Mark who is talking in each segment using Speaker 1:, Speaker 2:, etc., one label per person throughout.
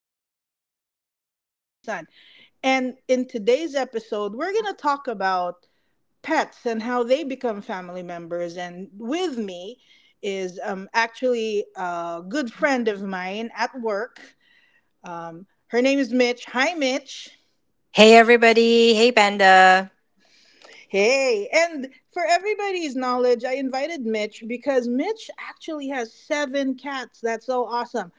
Speaker 1: everything and anything under the sun. And in today's episode, we're going to talk about pets and how they become family members. And with me is actually a good friend of mine at work. Her name is Mitch. Hi, Mitch.
Speaker 2: Hey, everybody. Hey, Banda.
Speaker 1: Hey, and for everybody's knowledge, I invited Mitch because Mitch actually has seven cats. That's so awesome.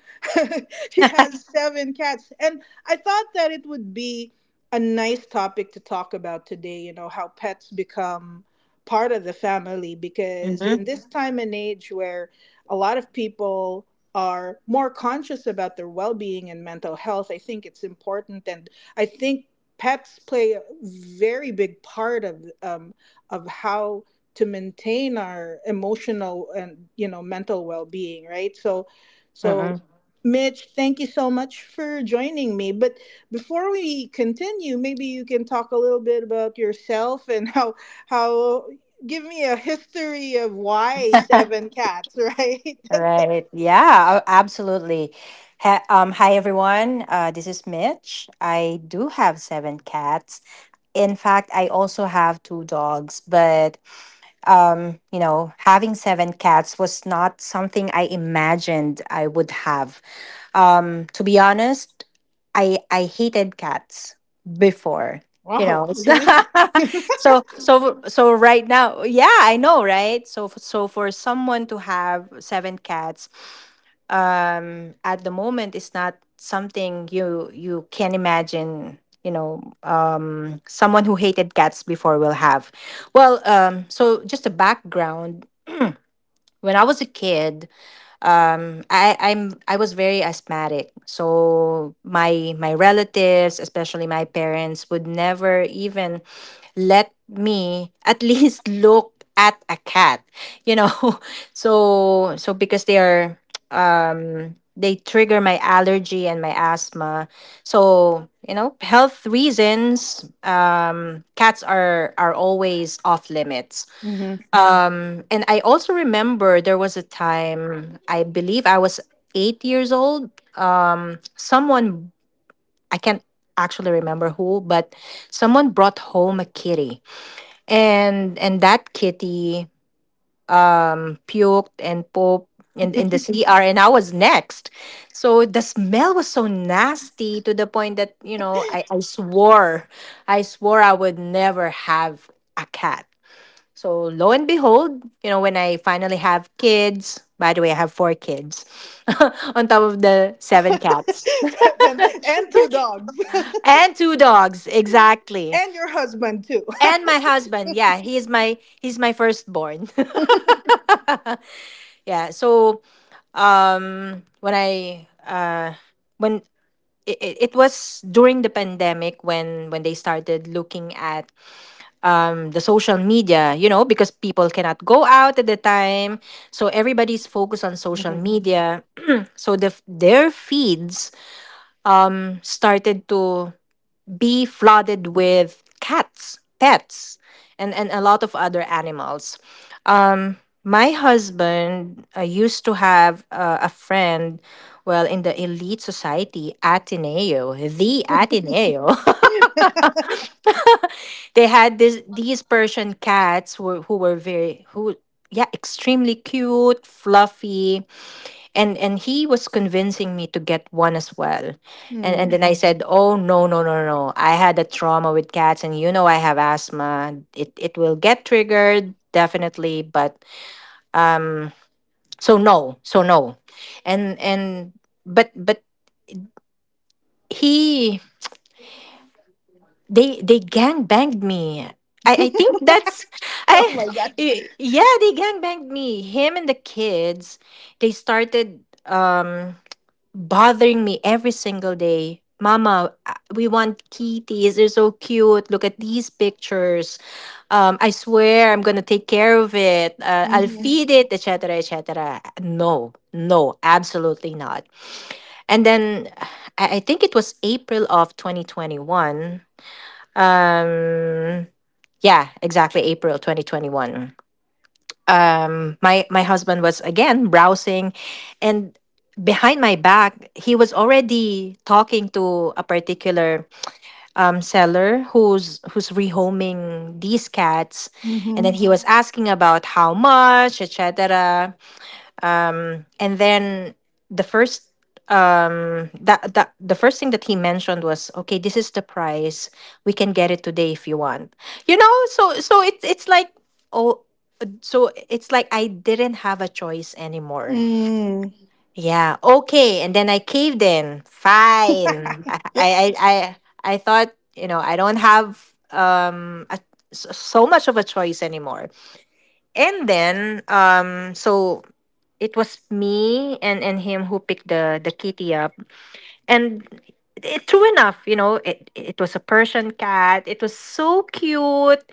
Speaker 1: She has seven cats. And I thought that it would be a nice topic to talk about today, how pets become part of the family, because
Speaker 2: Hmm.
Speaker 1: in this time and age where a lot of people are more conscious about their well-being and mental health, I think it's important. And I think pets play a very big part of how to maintain our emotional and mental well-being, right? So Mitch, thank you so much for joining me. But before we continue, maybe you can talk a little bit about yourself, and how give me a history of why seven cats, right?
Speaker 2: Right. Yeah, absolutely. Ha Hi, everyone. This is Mitch. I do have seven cats. In fact, I also have two dogs, but having seven cats was not something I imagined I would have. To be honest, I hated cats before. You
Speaker 1: Wow,
Speaker 2: know,
Speaker 1: really?
Speaker 2: so right now, yeah, I know, right? So for someone to have seven cats, at the moment is not something you can imagine. You know, someone who hated cats before will have. Well, so just a background. When I was a kid, I was very asthmatic. So my relatives, especially my parents, would never even let me at least look at a cat, you know. So because they are, they trigger my allergy and my asthma. So, health reasons, cats are always off limits.
Speaker 1: Hmm.
Speaker 2: And I also remember there was a time, I believe I was 8 years old. Someone, I can't actually remember who, but someone brought home a kitty. And that kitty puked and pooped in the CR, and I was next. So the smell was so nasty to the point that, I swore, I swore I would never have a cat. So lo and behold, when I finally have kids, by the way, I have four kids on top of the seven cats
Speaker 1: Seven. And two dogs.
Speaker 2: and two dogs, exactly.
Speaker 1: And your husband too.
Speaker 2: And my husband, yeah, he's my firstborn. Yeah, so when I when it was during the pandemic, when they started looking at the social media, because people cannot go out at the time, so everybody's focused on social
Speaker 1: Mhm.
Speaker 2: media. So their feeds started to be flooded with cats, pets, and a lot of other animals. My husband used to have a friend, well, in the elite society, Ateneo, the Ateneo. They had these Persian cats who were very, yeah, extremely cute, fluffy, and he was convincing me to get one as well. And
Speaker 1: Mm.
Speaker 2: then I said, "Oh, no, no, no, no, no." I had a trauma with cats, and I have asthma. It will get triggered, definitely, but, so no, so no. And but he, they gang banged me. I think that's I
Speaker 1: Oh my gosh.
Speaker 2: Yeah, they gang banged me, him and the kids. They started bothering me every single day. "Mama, we want kitties. They're so cute. Look at these pictures. I swear I'm gonna take care of it. I'll
Speaker 1: Mhm.
Speaker 2: feed it, etc., etc." No, no, absolutely not. And then I think it was April of 2021. Um, yeah, exactly, April 2021. My husband was again browsing, and behind my back he was already talking to a particular seller who's rehoming these cats. And then
Speaker 1: Mhm.
Speaker 2: he was asking about how much, etc. And then the first, that, that the first thing that he mentioned was, "Okay, this is the price. We can get it today if you want." So it's like, oh, so it's like I didn't have a choice anymore.
Speaker 1: Mm.
Speaker 2: Yeah, okay. And then I caved in. Fine. I I I I thought, I don't have, so much of a choice anymore. And then so it was me and him who picked the kitty up. And true enough, it was a Persian cat. It was so cute.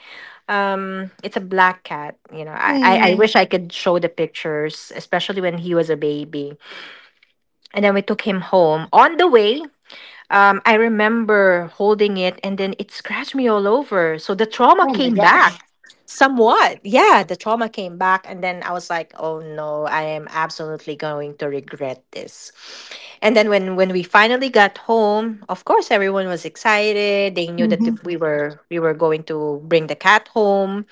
Speaker 2: It's a black cat. I
Speaker 1: Mm.
Speaker 2: wish I could show the pictures, especially when he was a baby. And then we took him home. On the way, I remember holding it, and then it scratched me all over. So the trauma
Speaker 1: Oh my
Speaker 2: came
Speaker 1: gosh.
Speaker 2: back. Somewhat, yeah. The trauma came back, and then I was like, "Oh no, I am absolutely going to regret this." And then when we finally got home, of course everyone was excited. They knew that
Speaker 1: Mhm.
Speaker 2: we were going to bring the cat home.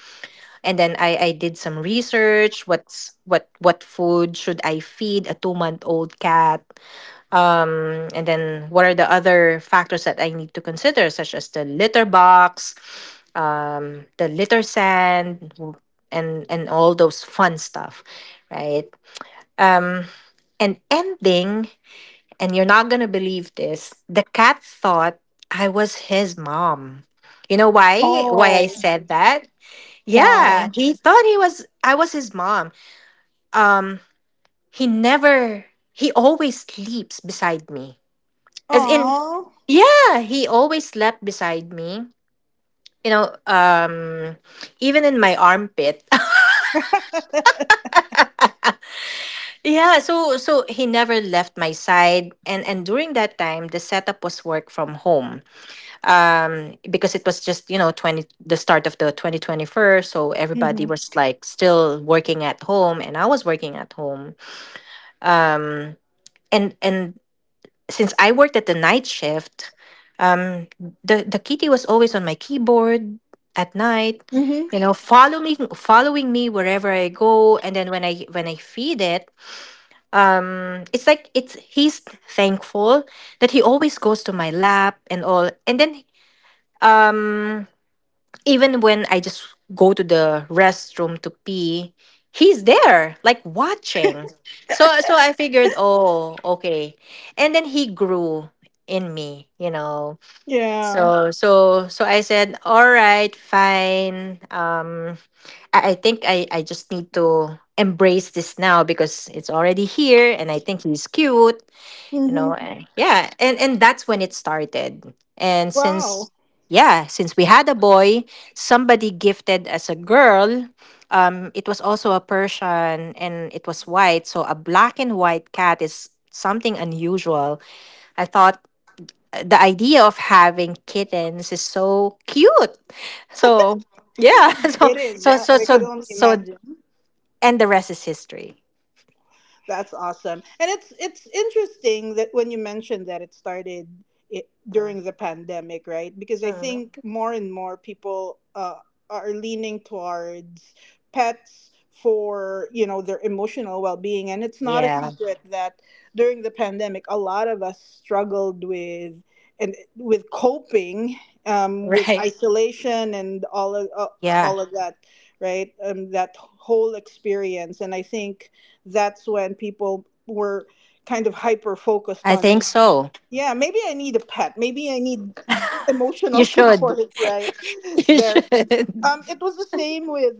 Speaker 2: And then I did some research: what's, what food should I feed a 2-month old cat, and then what are the other factors that I need to consider, such as the litter box, the litter sand, and all those fun stuff, right? and ending and you're not gonna believe this, the cat thought I was his mom. You know why I
Speaker 1: Oh,
Speaker 2: said that? Yeah,
Speaker 1: why?
Speaker 2: he thought he was I was his mom. um He never, he always sleeps beside me. As in,
Speaker 1: Oh.
Speaker 2: yeah, he always slept beside me. You know, even in my armpit. Yeah, so he never left my side, and during that time, the setup was work from home. Because it was just, twenty the start of the 2021, so everybody
Speaker 1: Mhm.
Speaker 2: was like still working at home, and I was working at home. Um, and since I worked at the night shift, um, the kitty was always on my keyboard at night,
Speaker 1: Mhm.
Speaker 2: you know, following following me wherever I go. And then when I feed it, it's like it's he's thankful that he always goes to my lap and all. And then um even when I just go to the restroom to pee, he's there, like watching. So I figured, oh, okay. And then he grew in me.
Speaker 1: Yeah.
Speaker 2: So I said, all right, fine. I think I just need to embrace this now because it's already here, and I think he's cute you
Speaker 1: Mhm.
Speaker 2: know and yeah, and that's when it started. And
Speaker 1: Wow.
Speaker 2: since, yeah, since we had a boy, somebody gifted us a girl. It was also a Persian, and it was white, so a black and white cat is something unusual, I thought. The idea of having kittens is so cute. So yeah, so
Speaker 1: It is.
Speaker 2: so
Speaker 1: I,
Speaker 2: so
Speaker 1: I could
Speaker 2: so
Speaker 1: only
Speaker 2: so
Speaker 1: imagine.
Speaker 2: and the rest is history.
Speaker 1: That's awesome. And it's interesting that when you mentioned that, it started
Speaker 2: Uh,
Speaker 1: during the pandemic, right? Because I
Speaker 2: uh.
Speaker 1: think more and more people are leaning towards pets for, their emotional well-being. And it's not a
Speaker 2: Yeah.
Speaker 1: secret that during the pandemic a lot of us struggled with and with coping, with
Speaker 2: Right.
Speaker 1: isolation and all of uh,
Speaker 2: Yeah.
Speaker 1: all of that, right? That whole experience. And I think that's when people were kind of hyper focused
Speaker 2: I think
Speaker 1: on.
Speaker 2: so.
Speaker 1: Yeah, maybe I need a pet, maybe I need
Speaker 2: You
Speaker 1: emotional
Speaker 2: should.
Speaker 1: support, right?
Speaker 2: You
Speaker 1: There,
Speaker 2: should.
Speaker 1: it was the same with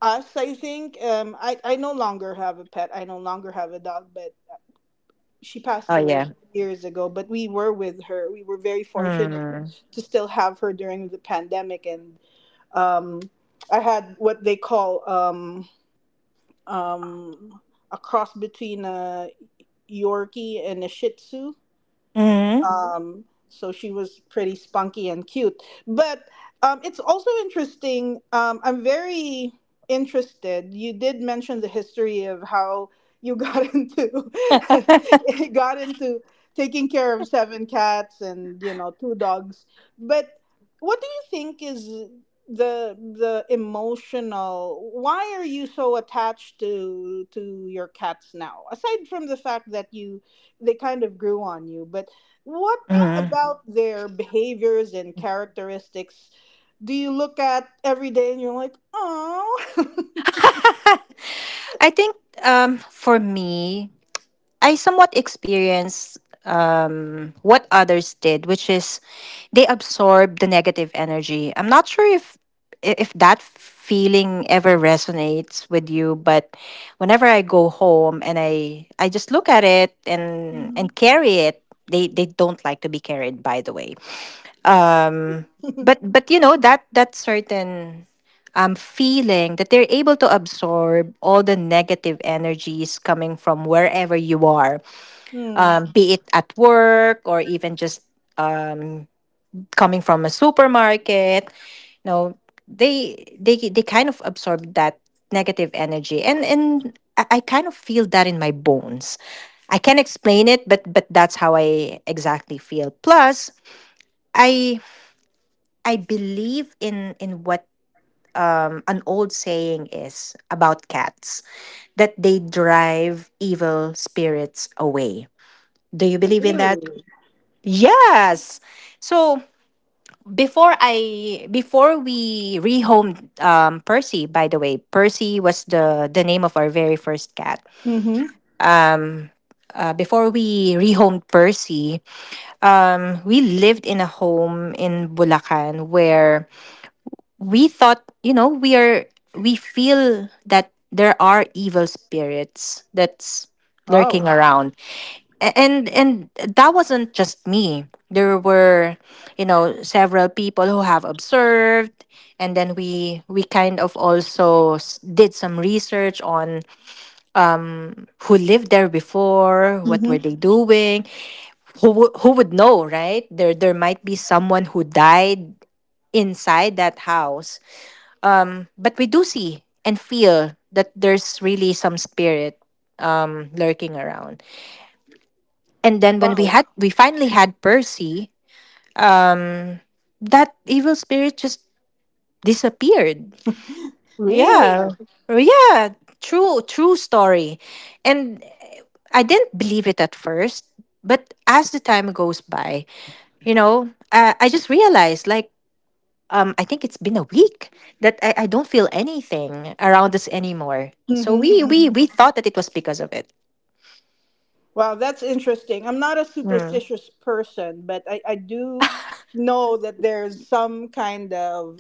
Speaker 1: us, I think. I no longer have a pet, I no longer have a dog, but she passed
Speaker 2: Oh,
Speaker 1: away
Speaker 2: yeah.
Speaker 1: years ago. But we were with her, we were very fortunate
Speaker 2: Mm.
Speaker 1: to still have her during the pandemic. And um I had what they call, um a cross between a Yorkie, and a Shih Tzu.
Speaker 2: Mm-hmm.
Speaker 1: So she was pretty spunky and cute. But it's also interesting. I'm very interested. You did mention the history of how you got into got into taking care of seven cats, and two dogs. But what do you think is the emotional? Why are you so attached to your cats now? Aside from the fact that you they kind of grew on you. But what
Speaker 2: Mm.
Speaker 1: about their behaviors and characteristics do you look at every day and you're like, oh?
Speaker 2: I think, for me, I somewhat experienced, what others did, which is they absorb the negative energy. I'm not sure if that feeling ever resonates with you, but whenever I go home, and I just look at it and
Speaker 1: Hmm.
Speaker 2: carry it. They don't like to be carried, by the way. Um, but but you know that that certain, feeling that they're able to absorb all the negative energies coming from wherever you are,
Speaker 1: Hmm.
Speaker 2: be it at work or even just um coming from a supermarket, you know they kind of absorb that negative energy. And I kind of feel that in my bones. I can't explain it, but that's how I exactly feel. Plus, i I believe in what, an old saying is about cats, that they drive evil spirits away. Do you believe in that?
Speaker 1: Really?
Speaker 2: Yes. So before we rehomed, Percy. By the way, Percy was the name of our very first cat.
Speaker 1: Mm-hmm.
Speaker 2: Before we rehomed Percy, we lived in a home in Bulacan where we thought, we feel that there are evil spirits that's lurking
Speaker 1: Oh.
Speaker 2: around. And that wasn't just me. There were, several people who have observed. And then we kind of also did some research on who lived there before, what were
Speaker 1: Hmm.
Speaker 2: they doing, who would know, right? There, might be someone who died inside that house. But we do see and feel that there's really some spirit, lurking around. And then when we
Speaker 1: Wow.
Speaker 2: had we finally had Percy, that evil spirit just disappeared. Yeah.
Speaker 1: Really?
Speaker 2: Oh, yeah, true story. And I didn't believe it at first, but as the time goes by, I just realized, like, I think it's been a week that I don't feel anything around us anymore.
Speaker 1: Hmm.
Speaker 2: So we, we
Speaker 1: Hmm.
Speaker 2: we thought that it was because of it.
Speaker 1: Wow, that's interesting. I'm not a
Speaker 2: Mm.
Speaker 1: superstitious person, but I do know that there's some kind of,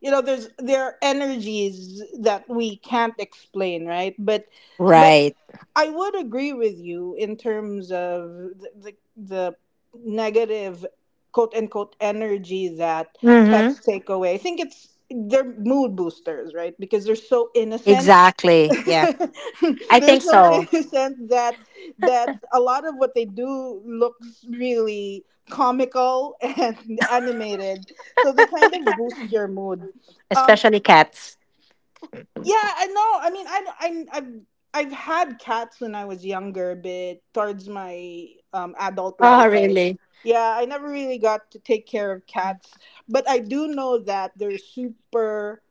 Speaker 1: there are energies that we can't explain, right? But
Speaker 2: Right.
Speaker 1: I would agree with you in terms of the negative, quote unquote, energy that
Speaker 2: Hmm.
Speaker 1: pets take away. I think it's they're mood boosters, right? Because they're so innocent.
Speaker 2: Exactly. Yeah. I
Speaker 1: They're
Speaker 2: think
Speaker 1: so
Speaker 2: so,
Speaker 1: innocent that a lot of what they do looks really comical and animated. So they kind of boost your mood. Um,
Speaker 2: especially cats.
Speaker 1: yeah, I know. I mean, I've had cats when I was younger, but towards my adult
Speaker 2: Oh,
Speaker 1: life,
Speaker 2: really?
Speaker 1: yeah, I never really got to take care of cats. But I do know that they're super.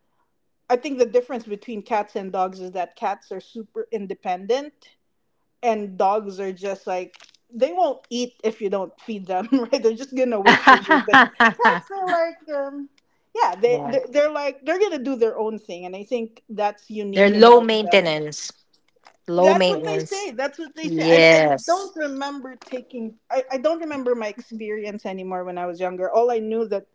Speaker 1: I think the difference between cats and dogs is that cats are super independent, and dogs are just like they won't eat if you don't feed them, right? They're just gonna wait for you. But
Speaker 2: Yeah.
Speaker 1: cats are like, yeah, they're like they're gonna do their own thing. And I think that's unique
Speaker 2: They're low
Speaker 1: about them.
Speaker 2: maintenance. Low
Speaker 1: that's what they
Speaker 2: maintenance.
Speaker 1: say that's what they say i, I
Speaker 2: Yes,
Speaker 1: don't remember taking I, I don't remember my experience anymore when I was younger.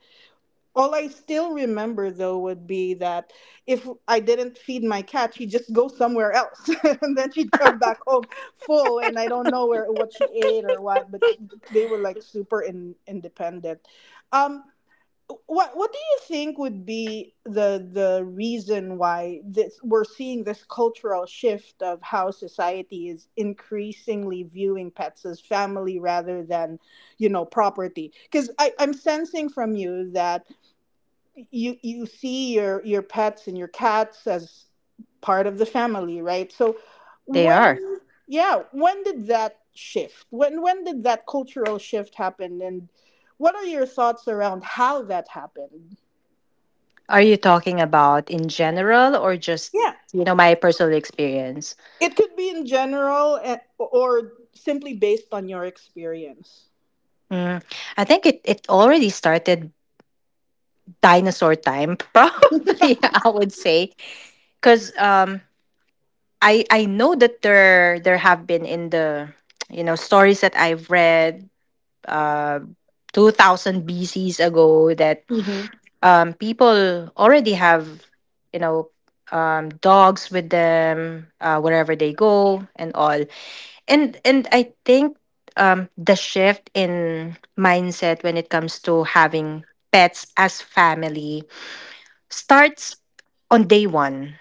Speaker 1: All I still remember though would be that if I didn't feed my cat, she'd just go somewhere else, and then she'd come back home full, and I don't know where what she ate or what. But they were like super independent. Um, what do you think would be the reason why this we're seeing this cultural shift of how society is increasingly viewing pets as family rather than property? Because I'm sensing from you that you see your pets and your cats as part of the family, right? So,
Speaker 2: they
Speaker 1: when
Speaker 2: are.
Speaker 1: yeah, yeah, when did that cultural shift happen, and what are your thoughts around how that happened?
Speaker 2: Are you talking about in general or just,
Speaker 1: Yeah,
Speaker 2: my personal experience?
Speaker 1: it could be in general, or simply based on your experience.
Speaker 2: Mm, I think it already started dinosaur time, probably I would say, because, I know that there have been in the, stories that I've read, uh 2000 BCs ago, that,
Speaker 1: Hmm.
Speaker 2: people already have, you know dogs with them, wherever they go and all. And I think the shift in mindset when it comes to having pets as family starts on day 1,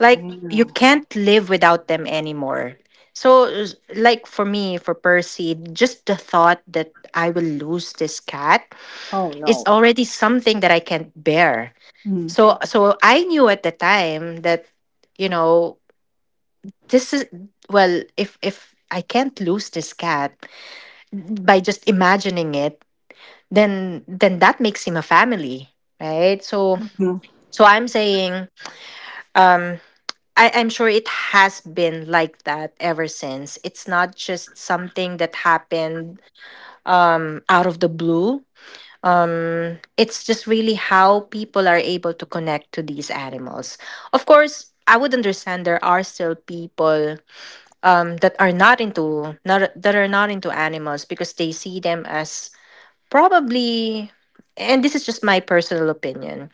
Speaker 2: like you
Speaker 1: Hmm.
Speaker 2: can't live without them anymore. So like for me, for Percy, just the thought that I will lose this cat
Speaker 1: Oh
Speaker 2: is
Speaker 1: no.
Speaker 2: already something that I can't bear.
Speaker 1: Mhm.
Speaker 2: So I knew at the time that, you know this is... well, if I can't lose this cat by just imagining it, then that makes him a family, right? So
Speaker 1: Mhm.
Speaker 2: I'm saying, I'm sure it has been like that ever since. It's not just something that happened out of the blue. It's just really how people are able to connect to these animals. Of course, I would understand there are still people, that are not into, not, that are not into animals because they see them as, probably, and this is just my personal opinion,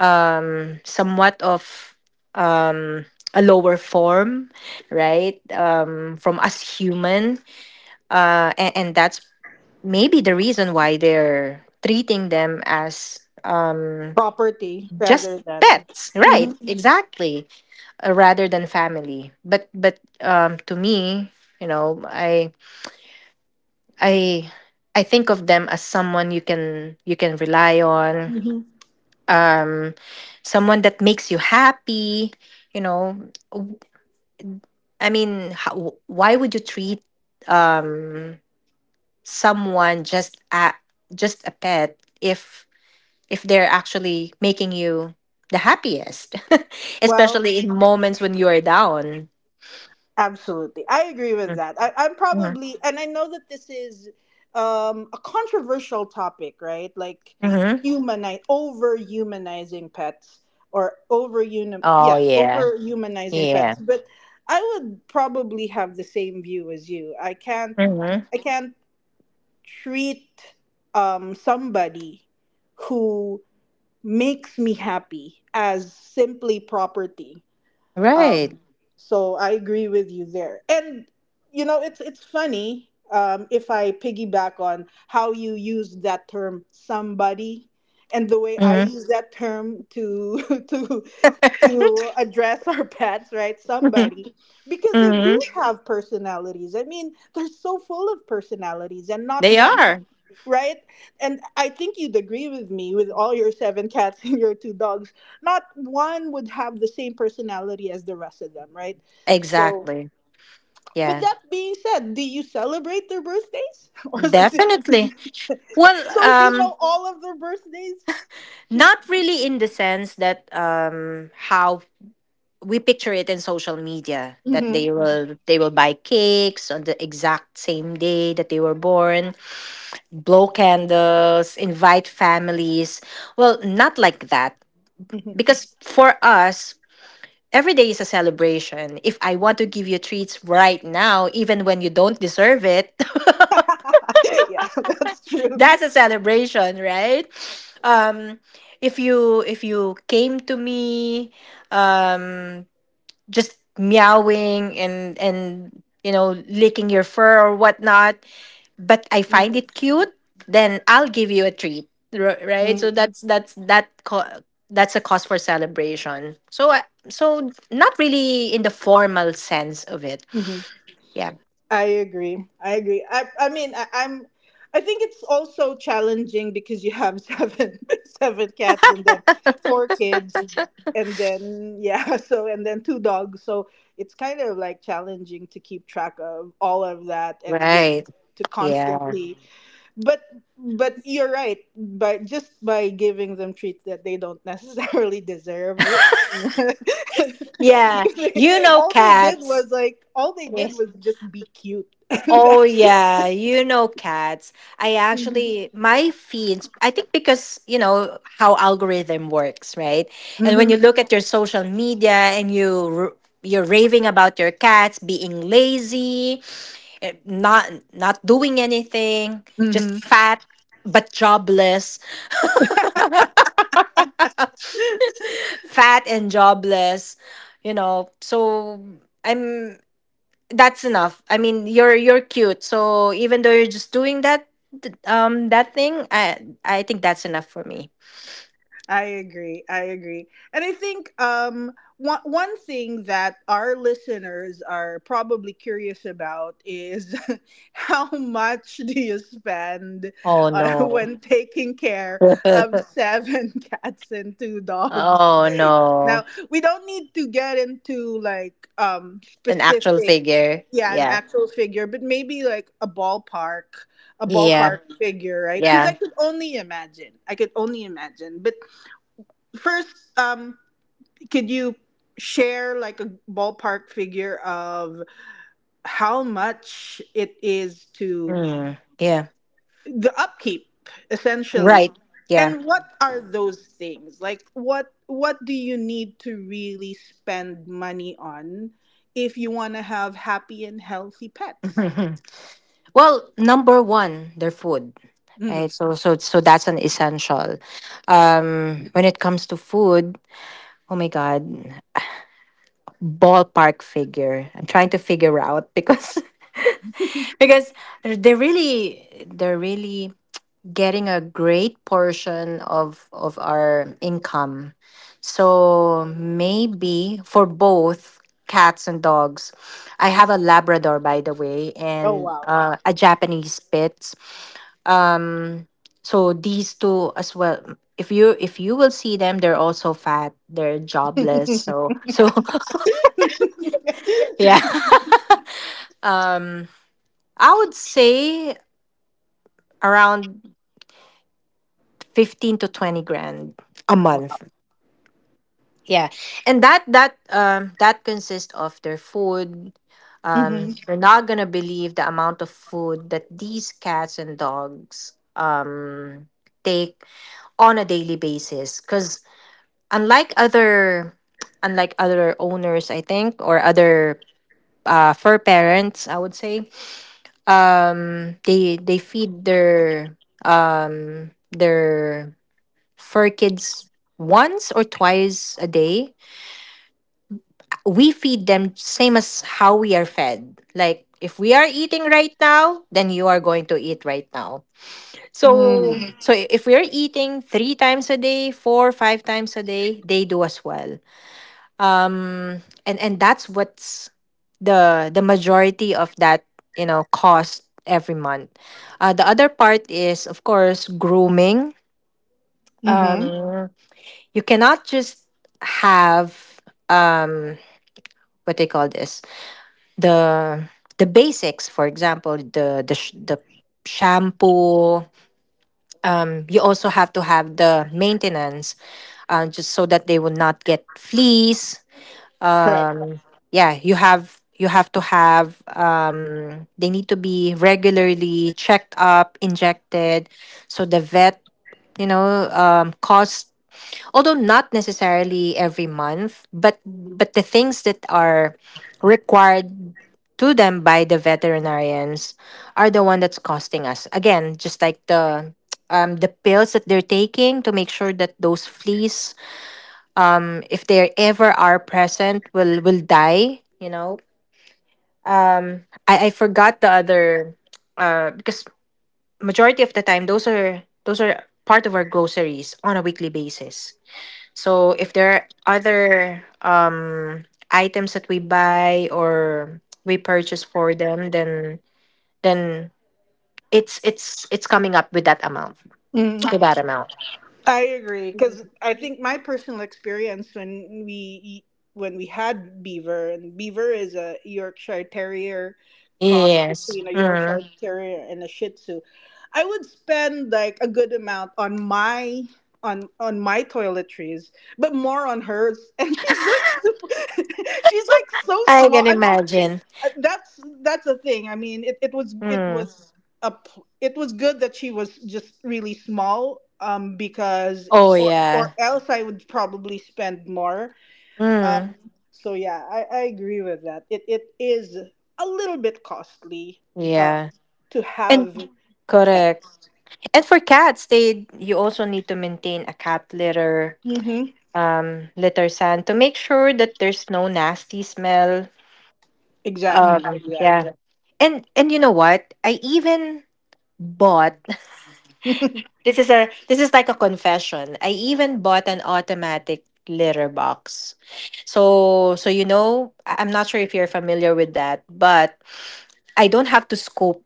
Speaker 2: um somewhat of a lower form, right, from us human, and that's maybe the reason why they're treating them as,
Speaker 1: Property rather
Speaker 2: just
Speaker 1: than.
Speaker 2: pets, right,
Speaker 1: Mhm.
Speaker 2: exactly, rather than family, but to me, you know i i I think of them as someone you can, you can rely on,
Speaker 1: Mhm.
Speaker 2: um someone that makes you happy you know W- I mean, why would you treat um someone just a pet if they're actually making you the happiest,
Speaker 1: Well,
Speaker 2: especially in moments when you are down.
Speaker 1: absolutely. I agree with that. I'm
Speaker 2: Hmm.
Speaker 1: probably, and I know that this is a controversial topic, right? Like
Speaker 2: Hmm.
Speaker 1: humanize, over humanizing pets, or
Speaker 2: Oh
Speaker 1: yeah,
Speaker 2: yeah,
Speaker 1: over humanizing
Speaker 2: yeah.
Speaker 1: pets. But I would probably have the same view as you. I can't,
Speaker 2: Hmm.
Speaker 1: I can't treat somebody who makes me happy as simply property,
Speaker 2: Right.
Speaker 1: um, so I agree with you there. And it's funny, if I piggyback on how you use that term "somebody", and the way I
Speaker 2: Hmm.
Speaker 1: use that term to to address our pets, right? Somebody, because they
Speaker 2: Hmm.
Speaker 1: do have personalities. I mean, they're so full of personalities, and not
Speaker 2: They
Speaker 1: one,
Speaker 2: are.
Speaker 1: right? And I think you'd agree with me, with all your seven cats and your two dogs. Not one would have the same personality as the rest of them, right? So,
Speaker 2: Exactly.
Speaker 1: with
Speaker 2: Yeah.
Speaker 1: that being said, do you celebrate their birthdays, or is it-
Speaker 2: Definitely. well
Speaker 1: so you
Speaker 2: um
Speaker 1: know all of their birthdays?
Speaker 2: Not really in the sense that, how we picture it in social media, that they
Speaker 1: Hmm.
Speaker 2: will, they will buy cakes on the exact same day that they were born, blow candles, invite families. Well, not like that, because for us every day is a celebration. If I want to give you treats right now even when you don't deserve it,
Speaker 1: Yeah, that's true.
Speaker 2: that's a celebration, right? Um if you came to me, um just meowing and licking your fur or whatnot, but I find it cute, then I'll give you a treat, right, so that's that's a cause for celebration. So so not really in the formal sense of it.
Speaker 1: Mhm.
Speaker 2: Yeah.
Speaker 1: I agree. I agree. I mean, I I think it's also challenging because you have seven seven cats, and then four kids, and then yeah, so, and then two dogs. So it's kind of like challenging to keep track of all of that, and
Speaker 2: Right.
Speaker 1: to
Speaker 2: Yeah.
Speaker 1: constantly. But but you're right, but just by giving them treats that they don't necessarily deserve it,
Speaker 2: Yeah.
Speaker 1: because
Speaker 2: You know
Speaker 1: all they did
Speaker 2: cats.
Speaker 1: was like all they did was just be cute and
Speaker 2: Oh
Speaker 1: that's it.
Speaker 2: yeah, you know cats. I
Speaker 1: Hmm.
Speaker 2: actually, my feeds, I think, because, how algorithm works, right? And when
Speaker 1: Hmm.
Speaker 2: you look at your social media, and you, r- you're raving about your cats being lazy, eh, not doing anything, just fat but jobless, fat and jobless. So I'm that's enough. I mean, you're cute. So even though you're just doing that thing, I think that's enough for me.
Speaker 1: I agree. I agree. And I think, one thing that our listeners are probably curious about is how much do you spend,
Speaker 2: Oh no.
Speaker 1: when taking care of seven cats and two dogs?
Speaker 2: Oh no.
Speaker 1: Now, we don't need to get into like,
Speaker 2: An actual
Speaker 1: specific,
Speaker 2: figure.
Speaker 1: yeah, an
Speaker 2: Yeah.
Speaker 1: actual figure, but maybe like a ballpark a
Speaker 2: Yeah.
Speaker 1: ballpark figure, right? Because I
Speaker 2: Yeah.
Speaker 1: could only imagine. I could only imagine. But first, um, could you share like a ballpark figure of how much it is to
Speaker 2: Mm. Yeah.
Speaker 1: the upkeep, essentially?
Speaker 2: Right. Yeah.
Speaker 1: And what are those things? Like what do you need to really spend money on if you want to have happy and healthy pets?
Speaker 2: Well, number 1, their food.
Speaker 1: Mhm.
Speaker 2: Right? So that's an essential. When it comes to food, oh my god, ballpark figure. I'm trying to figure out because because they're really getting a great portion of our income. So maybe for both cats and dogs. I have a Labrador, by the way,
Speaker 1: Oh
Speaker 2: and,
Speaker 1: wow.
Speaker 2: a Japanese Spitz. Um so these two as well, if you will see them, they're also fat, they're jobless, so, yeah. Um, I would say around 15 to 20 grand a month. Yeah, and that consists of their food.
Speaker 1: Mhm.
Speaker 2: You're not gonna believe the amount of food that these cats and dogs take on a daily basis. 'Cause unlike other unlike other owners, I think, or other, fur parents, I would say, they feed their, their fur kids once or twice a day. We feed them same as how we are fed. Like if we are eating right now, then you are going to eat right now, so.
Speaker 1: Mm.
Speaker 2: Mhm. So if we are eating three times a day, 4, 5 times a day, they do as well. um and that's what's the majority of that, cost every month. The other part is of course grooming.
Speaker 1: Mhm.
Speaker 2: um you cannot just have, um what they call this, the, basics, for example the, the shampoo. You also have to have the maintenance, just so that they will not get fleas.
Speaker 1: Correct.
Speaker 2: Uh, yeah, you have to have, they need to be regularly checked up, injected, so the vet, cost, although not necessarily every month, but the things that are required to them by the veterinarians are the one that's costing us, again, just like the, the pills that they're taking to make sure that those fleas, if they ever are present, will die, you know um I forgot the other, because majority of the time, those are part of our groceries on a weekly basis. So if there are other, items that we buy or we purchase for them, then it's coming up with that amount.
Speaker 1: Mm-hmm.
Speaker 2: With that amount.
Speaker 1: I agree, because I think my personal experience, when when we had Beaver, and Beaver is a Yorkshire Terrier cross
Speaker 2: Yes.
Speaker 1: between a
Speaker 2: Mm.
Speaker 1: Yorkshire Terrier and a Shih Tzu. I would spend like a good amount on my toiletries, but more on hers. And she's like super, she's like so
Speaker 2: I
Speaker 1: small.
Speaker 2: can
Speaker 1: I mean,
Speaker 2: imagine.
Speaker 1: that's a thing. I mean, it, it was it
Speaker 2: Mm.
Speaker 1: was good that she was just really small, because,
Speaker 2: Oh
Speaker 1: or
Speaker 2: yeah.
Speaker 1: else I would probably spend more. um
Speaker 2: Mm.
Speaker 1: Mhm. Yeah, I agree with that. It is a little bit costly, um
Speaker 2: Yeah.
Speaker 1: to
Speaker 2: And
Speaker 1: have
Speaker 2: correct.
Speaker 1: pets.
Speaker 2: And for cats, they you also need to maintain a cat litter,
Speaker 1: Mm-hmm.
Speaker 2: litter sand, to make sure that there's no nasty smell.
Speaker 1: Exactly, exactly.
Speaker 2: Yeah. And you know what? I even bought, this is a, this is like a confession. I even bought an automatic litter box. So you know, I'm not sure if you're familiar with that, but I don't have to scoop,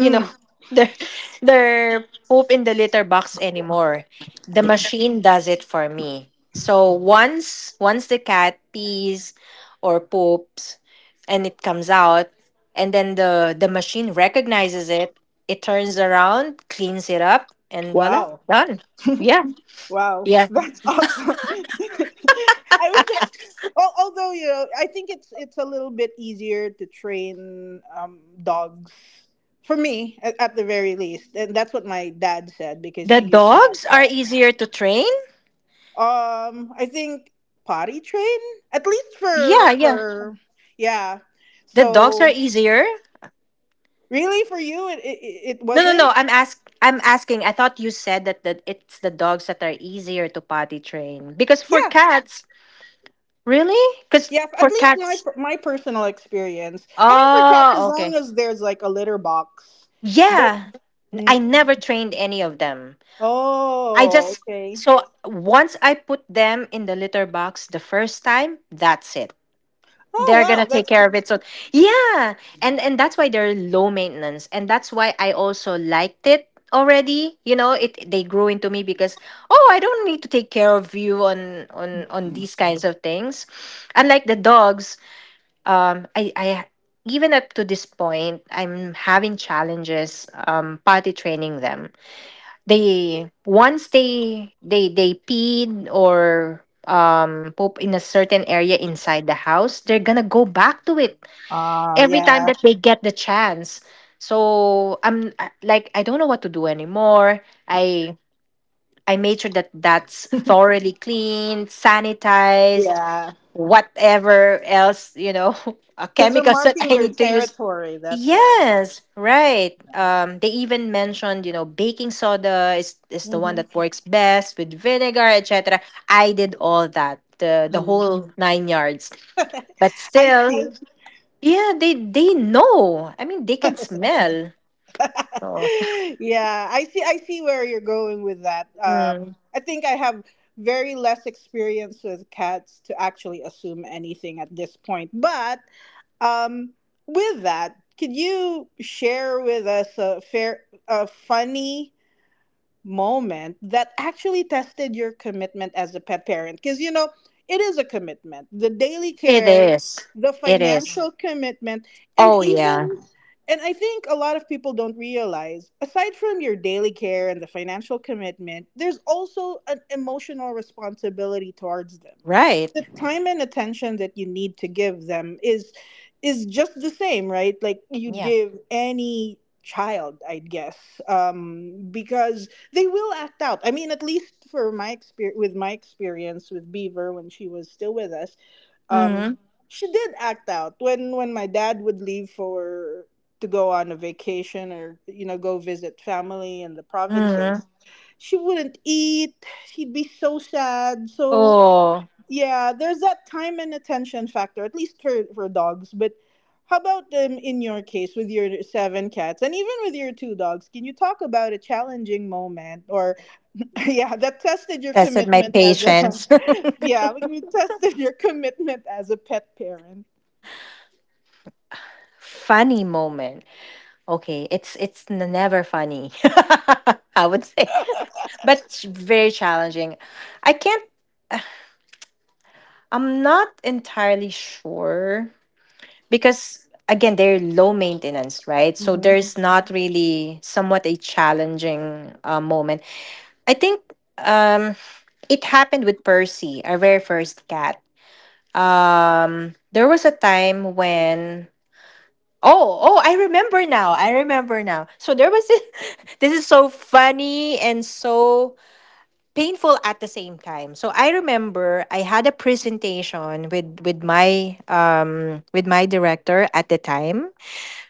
Speaker 2: you know their their poop in the litter box anymore. The machine does it for me. So once the cat pees or poops and it comes out, and then the machine recognizes it, it turns around, cleans it up, and voila,
Speaker 1: Wow.
Speaker 2: done. Yeah.
Speaker 1: Wow,
Speaker 2: Yeah.
Speaker 1: that's awesome. I wish. Well, although I think it's a little bit easier to train, dogs, for me at the very least, and that's what my dad said, because
Speaker 2: The
Speaker 1: he used to have
Speaker 2: dogs are
Speaker 1: cats.
Speaker 2: easier to train?
Speaker 1: I think potty train, at least
Speaker 2: Yeah,
Speaker 1: for
Speaker 2: yeah.
Speaker 1: for yeah.
Speaker 2: The dogs are
Speaker 1: So
Speaker 2: easier.
Speaker 1: really, for you, it
Speaker 2: No, no,
Speaker 1: wasn't.
Speaker 2: no. I'm asking. I thought you said that it's the dogs that are easier to potty train because for
Speaker 1: Yeah,
Speaker 2: cats, really? Because
Speaker 1: Yeah, at
Speaker 2: for
Speaker 1: least my
Speaker 2: cats,
Speaker 1: my personal experience. I mean, for cats,
Speaker 2: oh,
Speaker 1: as
Speaker 2: okay.
Speaker 1: long as there's like a litter box. But
Speaker 2: Yeah,
Speaker 1: mm,
Speaker 2: I never trained any of them. I
Speaker 1: oh,
Speaker 2: just
Speaker 1: okay.
Speaker 2: so once I put them in the litter box the first time, that's it.
Speaker 1: Oh
Speaker 2: They're
Speaker 1: wow,
Speaker 2: gonna take
Speaker 1: that's
Speaker 2: care
Speaker 1: cool.
Speaker 2: of it, so, yeah. And that's why they're low maintenance, and that's why I also liked it already, you know it they grew into me, because oh, I don't need to take care of you on these kinds of things, unlike the dogs. I even up to this point, I'm having challenges, potty training them. They once they they they peed or, poop in a certain area inside the house, they're gonna go back to it
Speaker 1: Ah,
Speaker 2: every time
Speaker 1: yeah,
Speaker 2: that they get the chance. So like, I don't know what to do anymore. I made sure that that's thoroughly cleaned, sanitized,
Speaker 1: yeah,
Speaker 2: whatever else,
Speaker 1: because they're
Speaker 2: chemicals that
Speaker 1: marking
Speaker 2: I
Speaker 1: their
Speaker 2: need to use.
Speaker 1: territory. That's why.
Speaker 2: Yes, right. They even mentioned, baking soda is the one
Speaker 1: Hmm.
Speaker 2: that works best with vinegar, etc. I did all that, the whole nine yards. But
Speaker 1: I
Speaker 2: still,
Speaker 1: see.
Speaker 2: yeah, they know. I mean, they can smell. So,
Speaker 1: Yeah, I see. I see where you're going with that.
Speaker 2: mm,
Speaker 1: I think I have very less experience with cats to actually assume anything at this point, but. Um, with that, could you share with us a funny moment that actually tested your commitment as a pet parent, because you know it is a commitment, the daily
Speaker 2: it
Speaker 1: care,
Speaker 2: is.
Speaker 1: the
Speaker 2: It is.
Speaker 1: financial commitment, and
Speaker 2: Oh yeah,
Speaker 1: even, and I think a lot of people don't realize aside from your daily care and the financial commitment, there's also an emotional responsibility towards them.
Speaker 2: right.
Speaker 1: The time and attention that you need to give them is just the same, right? Like you'd
Speaker 2: Yeah.
Speaker 1: give any child, I guess. Because they will act out. I mean, at least for my experience, with Beaver when she was still with us, um,
Speaker 2: Mm-hmm.
Speaker 1: she did act out when my dad would leave for to go on a vacation, or you know, go visit family in the
Speaker 2: Mm-hmm.
Speaker 1: provinces. She wouldn't eat. She'd be so sad. So
Speaker 2: Oh,
Speaker 1: yeah, there's that time and attention factor, at least for dogs, but. How about in your case with your seven cats and even with your two dogs? Can you talk about a challenging moment or yeah, that tested your
Speaker 2: tested my
Speaker 1: commitment as a
Speaker 2: patience.
Speaker 1: yeah, we tested your commitment as a pet parent.
Speaker 2: Funny moment. Okay, it's never funny. I would say, but it's very challenging. I can't. I'm not entirely sure because again, they're low maintenance, right? So
Speaker 1: hmm
Speaker 2: there's not really somewhat a challenging, moment. I think, um, it happened with Percy, our very first cat. There was a time when— oh, oh, I remember now. I remember now. So there was this, this is so funny and so painful at the same time. So I remember I had a presentation with, with my director at the time,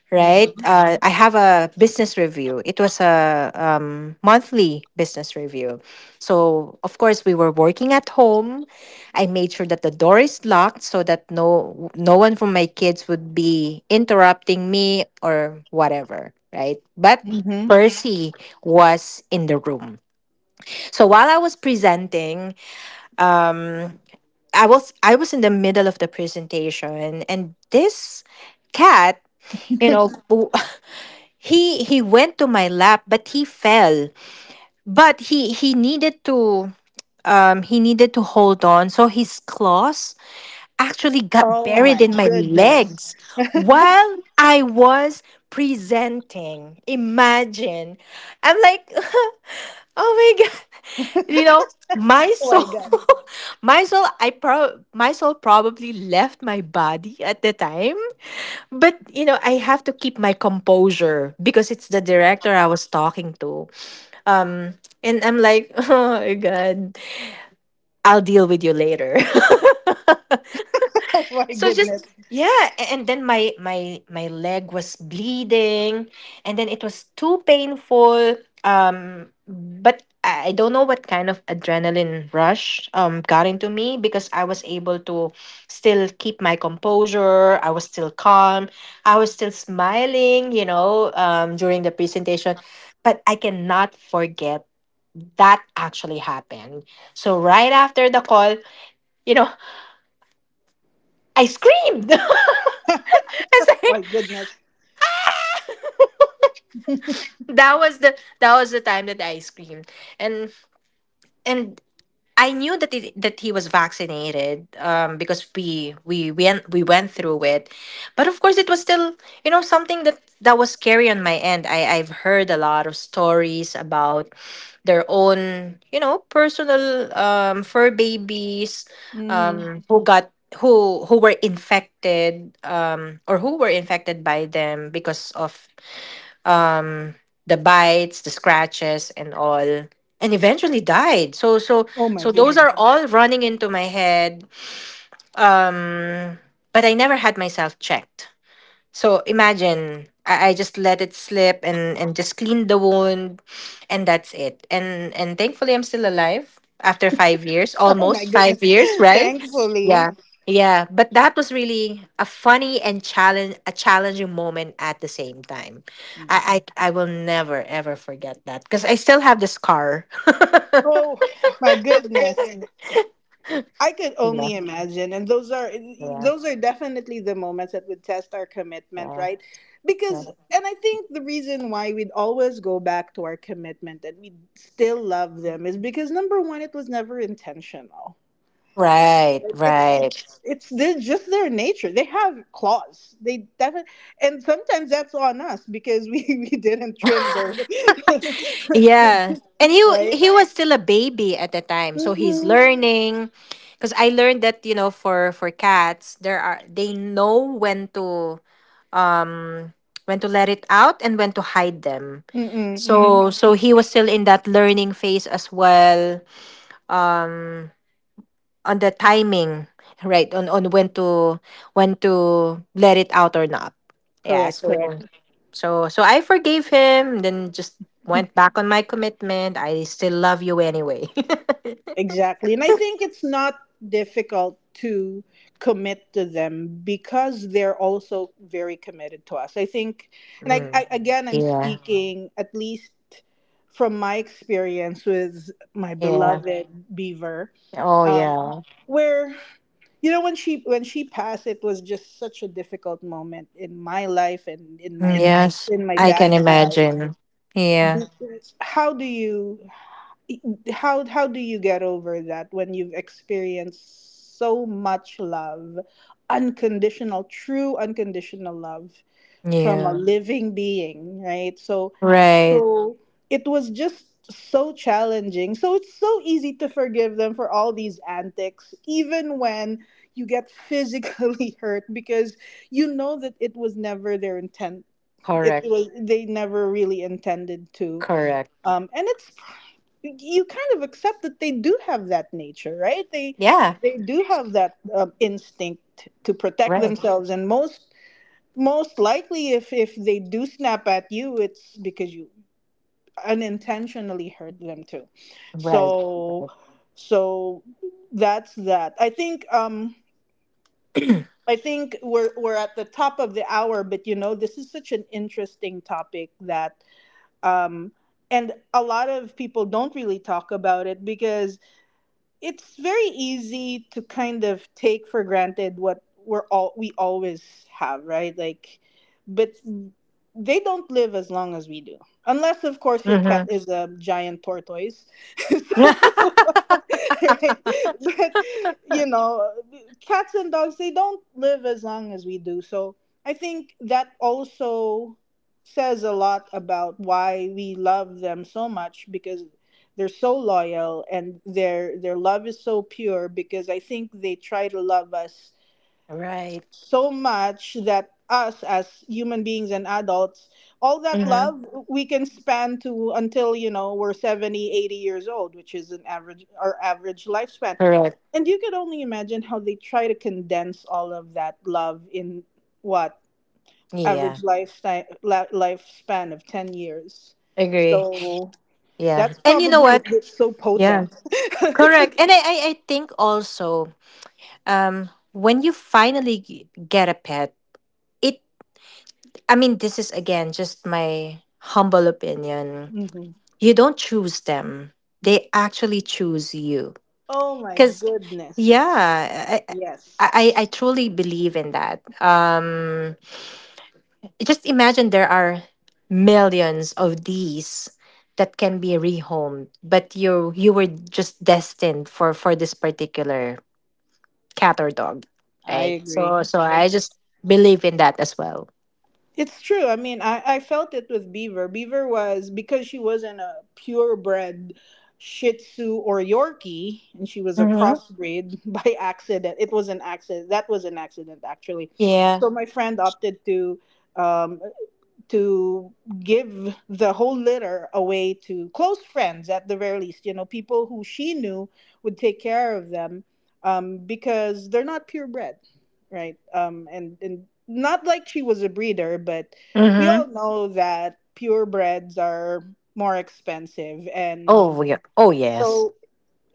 Speaker 2: right?
Speaker 1: hmm
Speaker 2: I have a business review. It was a monthly business review. So, of course, we were working at home. I made sure that the door is locked so that no one from my kids would be interrupting me or whatever, right? But
Speaker 1: hmm
Speaker 2: Percy was in the room. So while I was presenting, I was in the middle of the presentation, and this cat, you know, he went to my lap, but he fell. But he needed to hold on, so his claws actually got
Speaker 1: Oh
Speaker 2: buried
Speaker 1: my
Speaker 2: in my
Speaker 1: goodness!
Speaker 2: legs while I was presenting. Imagine, I'm like, oh my god, you know my
Speaker 1: Oh my
Speaker 2: soul,
Speaker 1: god!
Speaker 2: my soul probably left my body at the time. But I have to keep my composure because it's the director I was talking to. Um, and I'm like, oh my god, I'll deal with you later.
Speaker 1: Oh my
Speaker 2: So just
Speaker 1: goodness!
Speaker 2: yeah, and then my leg was bleeding, and then it was too painful. But I don't know what kind of adrenaline rush got into me, because I was able to still keep my composure. I was still calm, I was still smiling, you know, during the presentation. But I cannot forget that actually happened. So right after the call, you know, I screamed.
Speaker 1: My goodness!
Speaker 2: That was the time that I screamed, and and I knew that that he was vaccinated, because we went through it, but of course it was still something that was scary on my end. I, I've heard a lot of stories about their own, you know, personal, um, fur babies,
Speaker 1: hmm
Speaker 2: who got who were infected, um, or who were infected by them because of the bites, the scratches, and all, and eventually died. So so
Speaker 1: Oh my
Speaker 2: so those
Speaker 1: goodness!
Speaker 2: are all running into my head. Um, but I never had myself checked. So imagine I just let it slip and just clean the wound and that's it. And thankfully I'm still alive after 5 years,
Speaker 1: Oh my
Speaker 2: almost five
Speaker 1: goodness!
Speaker 2: years, right?
Speaker 1: Thankfully,
Speaker 2: Yeah. Yeah. But that was really a funny and challenge a challenging moment at the same time.
Speaker 1: mhm.
Speaker 2: I will never ever forget that, because I still have the scar.
Speaker 1: Oh my goodness! I could
Speaker 2: Yeah,
Speaker 1: only imagine, and those are
Speaker 2: yeah.
Speaker 1: those are definitely the moments that would test our commitment,
Speaker 2: Yeah.
Speaker 1: right? Because, and I think the reason why we'd always go back to our commitment that we still love them is because number one, it was never intentional.
Speaker 2: Right,
Speaker 1: Like it's
Speaker 2: right.
Speaker 1: it's it's they're just their nature. They have claws. They definitely, and sometimes that's on us because we we didn't trim them,
Speaker 2: Yeah. And
Speaker 1: right?
Speaker 2: he was still a baby at the time, so he's
Speaker 1: Mm-hmm.
Speaker 2: learning. Because I learned that, you know, for cats, there are they know when to, um, when to let it out and when to hide them.
Speaker 1: Mm-mm, mm-hmm.
Speaker 2: So so he was still in that learning phase as well. Um, on the timing, right? On when to, when to let it out or not. Yeah.
Speaker 1: Correct.
Speaker 2: So
Speaker 1: Correct.
Speaker 2: so so I forgave him. Then just went back on my commitment. I still love you anyway.
Speaker 1: Exactly. And I think it's not difficult to commit to them because they're also very committed to us. I think, and I,
Speaker 2: Mm.
Speaker 1: I again, I'm
Speaker 2: Yeah.
Speaker 1: speaking at least from my experience with my
Speaker 2: Yeah.
Speaker 1: beloved Beaver,
Speaker 2: Oh
Speaker 1: um,
Speaker 2: yeah.
Speaker 1: where you know when she passed, it was just such a difficult moment in my life and in
Speaker 2: Mm,
Speaker 1: my
Speaker 2: yes. I can
Speaker 1: dad's life.
Speaker 2: imagine. Yeah.
Speaker 1: Because how do you how do you get over that when you've experienced so much love, unconditional, true unconditional love from a,
Speaker 2: Yeah.
Speaker 1: mhm, living being, right? So
Speaker 2: Right.
Speaker 1: so it was just so challenging, so it's so easy to forgive them for all these antics even when you get physically hurt, because you know that it was never their intent. It
Speaker 2: Correct.
Speaker 1: was, they never really intended to.
Speaker 2: Correct.
Speaker 1: And it's, you kind of accept that they do have that nature, right?
Speaker 2: Yeah.
Speaker 1: They do have that instinct to protect
Speaker 2: Right.
Speaker 1: themselves, and most likely, if they do snap at you, it's because you unintentionally hurt them too.
Speaker 2: Right.
Speaker 1: So
Speaker 2: Right.
Speaker 1: so that's that. I think we're at the top of the hour, but you know, this is such an interesting topic that, um and a lot of people don't really talk about it because it's very easy to kind of take for granted what we're all we always have, right? Like, but they don't live as long as we do, unless of course your pet is a giant tortoise. So,
Speaker 2: Mm-hmm.
Speaker 1: right? But you know, cats and dogs, they don't live as long as we do. So I think that also says a lot about why we love them so much, because they're so loyal and their love is so pure, because I think they try to love us
Speaker 2: Right.
Speaker 1: so much that us as human beings and adults, all that
Speaker 2: Mm-hmm.
Speaker 1: love we can span to until, you know, we're 70, 80 years old, which is an average, our average lifespan, and you could only imagine how they try to condense all of that love in what,
Speaker 2: Yeah,
Speaker 1: average lifetime lifespan of 10 years.
Speaker 2: agree.
Speaker 1: So
Speaker 2: Yeah.
Speaker 1: that's
Speaker 2: And you know
Speaker 1: probably why
Speaker 2: what?
Speaker 1: it's so
Speaker 2: Yeah.
Speaker 1: potent.
Speaker 2: Correct. And I think also, when you finally get a pet, it, I mean, this is again just my humble opinion.
Speaker 1: hmm
Speaker 2: You don't choose them, they actually choose you.
Speaker 1: Oh my
Speaker 2: Because,
Speaker 1: goodness.
Speaker 2: yeah, I,
Speaker 1: Yes,
Speaker 2: I truly believe in that. Just imagine there are millions of these that can be rehomed, but you were just destined for this particular cat or dog,
Speaker 1: I
Speaker 2: right? So
Speaker 1: agree.
Speaker 2: so
Speaker 1: I
Speaker 2: I
Speaker 1: agree.
Speaker 2: just believe in that as well.
Speaker 1: It's true. I mean, I felt it with Beaver. Beaver was, because she wasn't a purebred Shih Tzu or Yorkie, and she was a
Speaker 2: Mm-hmm.
Speaker 1: crossbreed by accident. It was an accident. That was an accident, actually.
Speaker 2: Yeah.
Speaker 1: So my friend opted to. Um, to give the whole litter away to close friends, at the very least, you know, people who she knew would take care of them, because they're not purebred, right? And, not like she was a breeder, but we all
Speaker 2: Mm-hmm.
Speaker 1: know that purebreds are more expensive.
Speaker 2: Oh
Speaker 1: And
Speaker 2: yeah, oh yes.
Speaker 1: so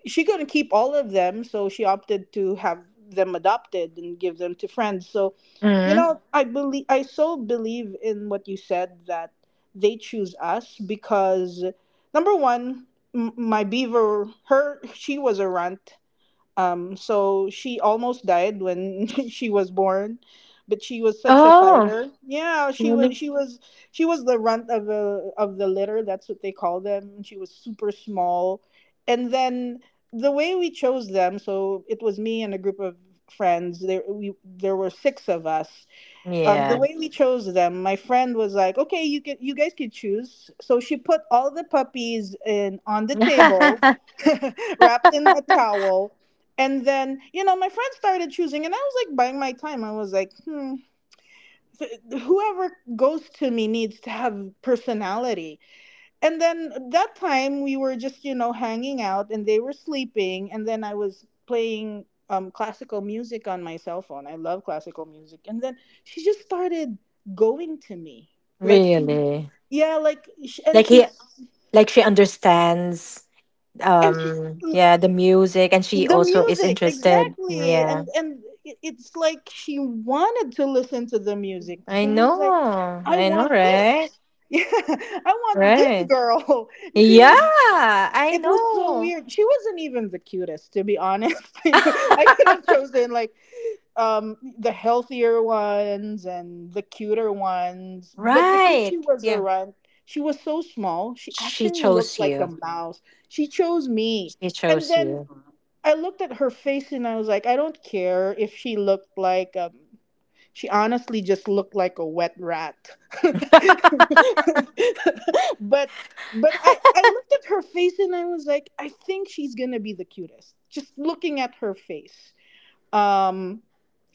Speaker 1: she couldn't keep all of them, so she opted to have them adopted and give them to friends. So, you
Speaker 2: Mm-hmm.
Speaker 1: know, I believe, I so believe in what you said, that they choose us. Because number one, my Beaver, her, she was a runt, so she almost died when she was born, but she was such a
Speaker 2: Oh
Speaker 1: fighter. Yeah, she
Speaker 2: really.
Speaker 1: was she was the runt of the litter. That's what they call them. She was super small, and then the way we chose them. So it was me and a group of friends. There were six of us, the
Speaker 2: Yeah.
Speaker 1: way we chose them, my friend was like, "Okay, you can, you guys can choose." So she put all the puppies in on the table, wrapped in a towel, and then you know my friend started choosing, and I was like buying my time. I was like, "Hmm, whoever goes to me needs to have personality." And then that time we were just, you know, hanging out and they were sleeping, and then I was playing classical music on my cell phone. I love classical music. And then she just started going to me, like she, mhm.
Speaker 2: Really.
Speaker 1: Yeah, like and
Speaker 2: like
Speaker 1: she
Speaker 2: he like she understands,
Speaker 1: and she
Speaker 2: um, yeah, the music, and she
Speaker 1: the
Speaker 2: also is
Speaker 1: music,
Speaker 2: interested.
Speaker 1: exactly.
Speaker 2: Yeah,
Speaker 1: And it- it's like she wanted to listen to the music.
Speaker 2: I
Speaker 1: So I was like,
Speaker 2: know.
Speaker 1: I
Speaker 2: I know,
Speaker 1: want
Speaker 2: right?
Speaker 1: this. Yeah, I want this
Speaker 2: Right.
Speaker 1: girl. And she
Speaker 2: Yeah,
Speaker 1: was,
Speaker 2: I
Speaker 1: it was so
Speaker 2: know.
Speaker 1: weird. She wasn't even the cutest, to be honest. I could have chosen like the healthier ones and the cuter ones, but because she
Speaker 2: Right.
Speaker 1: was a
Speaker 2: Yeah.
Speaker 1: runt, she was so small. She
Speaker 2: She
Speaker 1: actually looked
Speaker 2: chose
Speaker 1: like a
Speaker 2: you.
Speaker 1: mouse. She chose me,
Speaker 2: She
Speaker 1: and
Speaker 2: chose
Speaker 1: then
Speaker 2: you.
Speaker 1: I looked at her face and I was like, I don't care if she looked like, um, she honestly just looked like a wet rat. But
Speaker 2: Mm-hmm.
Speaker 1: I looked at her face and I was like, I think she's gonna be the cutest. Just looking at her face. Um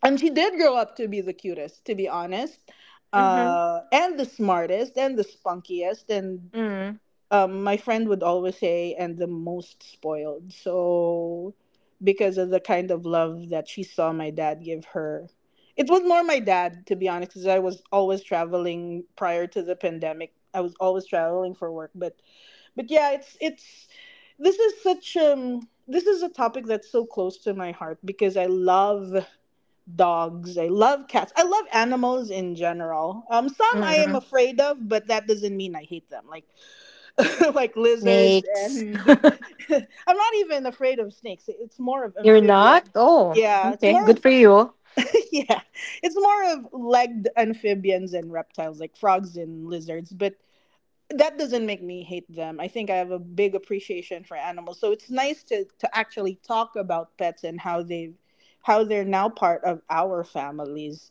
Speaker 1: and she did grow up to be the cutest, to be honest. And the smartest and the spunkiest and
Speaker 2: Mm.
Speaker 1: my friend would always say, and the most spoiled. So, because of the kind of love that she saw my dad give her, it was more my dad, to be honest, because I was always traveling prior to the pandemic. I was always traveling for work, but yeah, it's this is such this is a topic that's so close to my heart, because I love dogs, I love cats, I love animals in general. Some I am
Speaker 2: Mm-mm.
Speaker 1: afraid of, but that doesn't mean I hate them. Like like lizards
Speaker 2: Snakes.
Speaker 1: and I'm not even afraid of snakes. It's more of
Speaker 2: You're
Speaker 1: amphibia.
Speaker 2: not? Oh,
Speaker 1: Yeah, it's
Speaker 2: okay.
Speaker 1: more
Speaker 2: Good
Speaker 1: of
Speaker 2: for you.
Speaker 1: yeah. It's more of legged amphibians and reptiles like frogs and lizards, but that doesn't make me hate them. I think I have a big appreciation for animals. So it's nice to actually talk about pets and how they've, how they're now part of our families,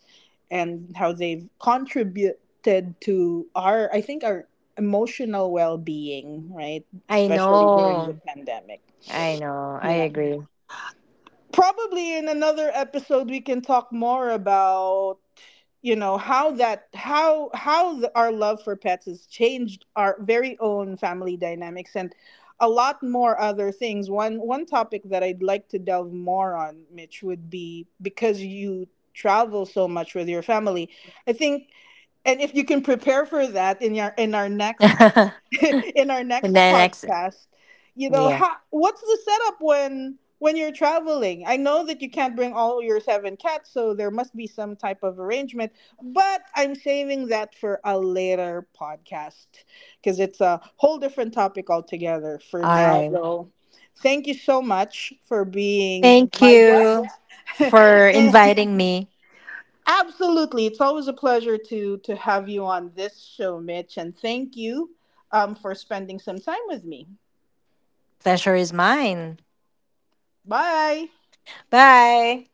Speaker 1: and how they've contributed to our, I think, our emotional well-being, right?
Speaker 2: I
Speaker 1: Especially during the
Speaker 2: know.
Speaker 1: pandemic.
Speaker 2: I know. I
Speaker 1: Yeah.
Speaker 2: agree.
Speaker 1: Probably in another episode we can talk more about, you know, how that, our love for pets has changed our very own family dynamics and a lot more other things. One topic that I'd like to delve more on, Mitch, would be, because you travel so much with your family, I think, and if you can prepare for that in your, in our next
Speaker 2: And
Speaker 1: in our
Speaker 2: then
Speaker 1: next
Speaker 2: next.
Speaker 1: podcast, you know
Speaker 2: Yeah.
Speaker 1: how, what's the setup when you're traveling. I know that you can't bring all your seven cats, so there must be some type of arrangement. But I'm saving that for a later podcast, because it's a whole different topic altogether. For
Speaker 2: All
Speaker 1: now
Speaker 2: right.
Speaker 1: though, thank you so much for being
Speaker 2: Thank
Speaker 1: my
Speaker 2: you
Speaker 1: guest.
Speaker 2: for inviting me.
Speaker 1: Absolutely. It's always a pleasure to have you on this show, Mitch, and thank you for spending some time with me.
Speaker 2: Pleasure is mine.
Speaker 1: Bye.
Speaker 2: Bye.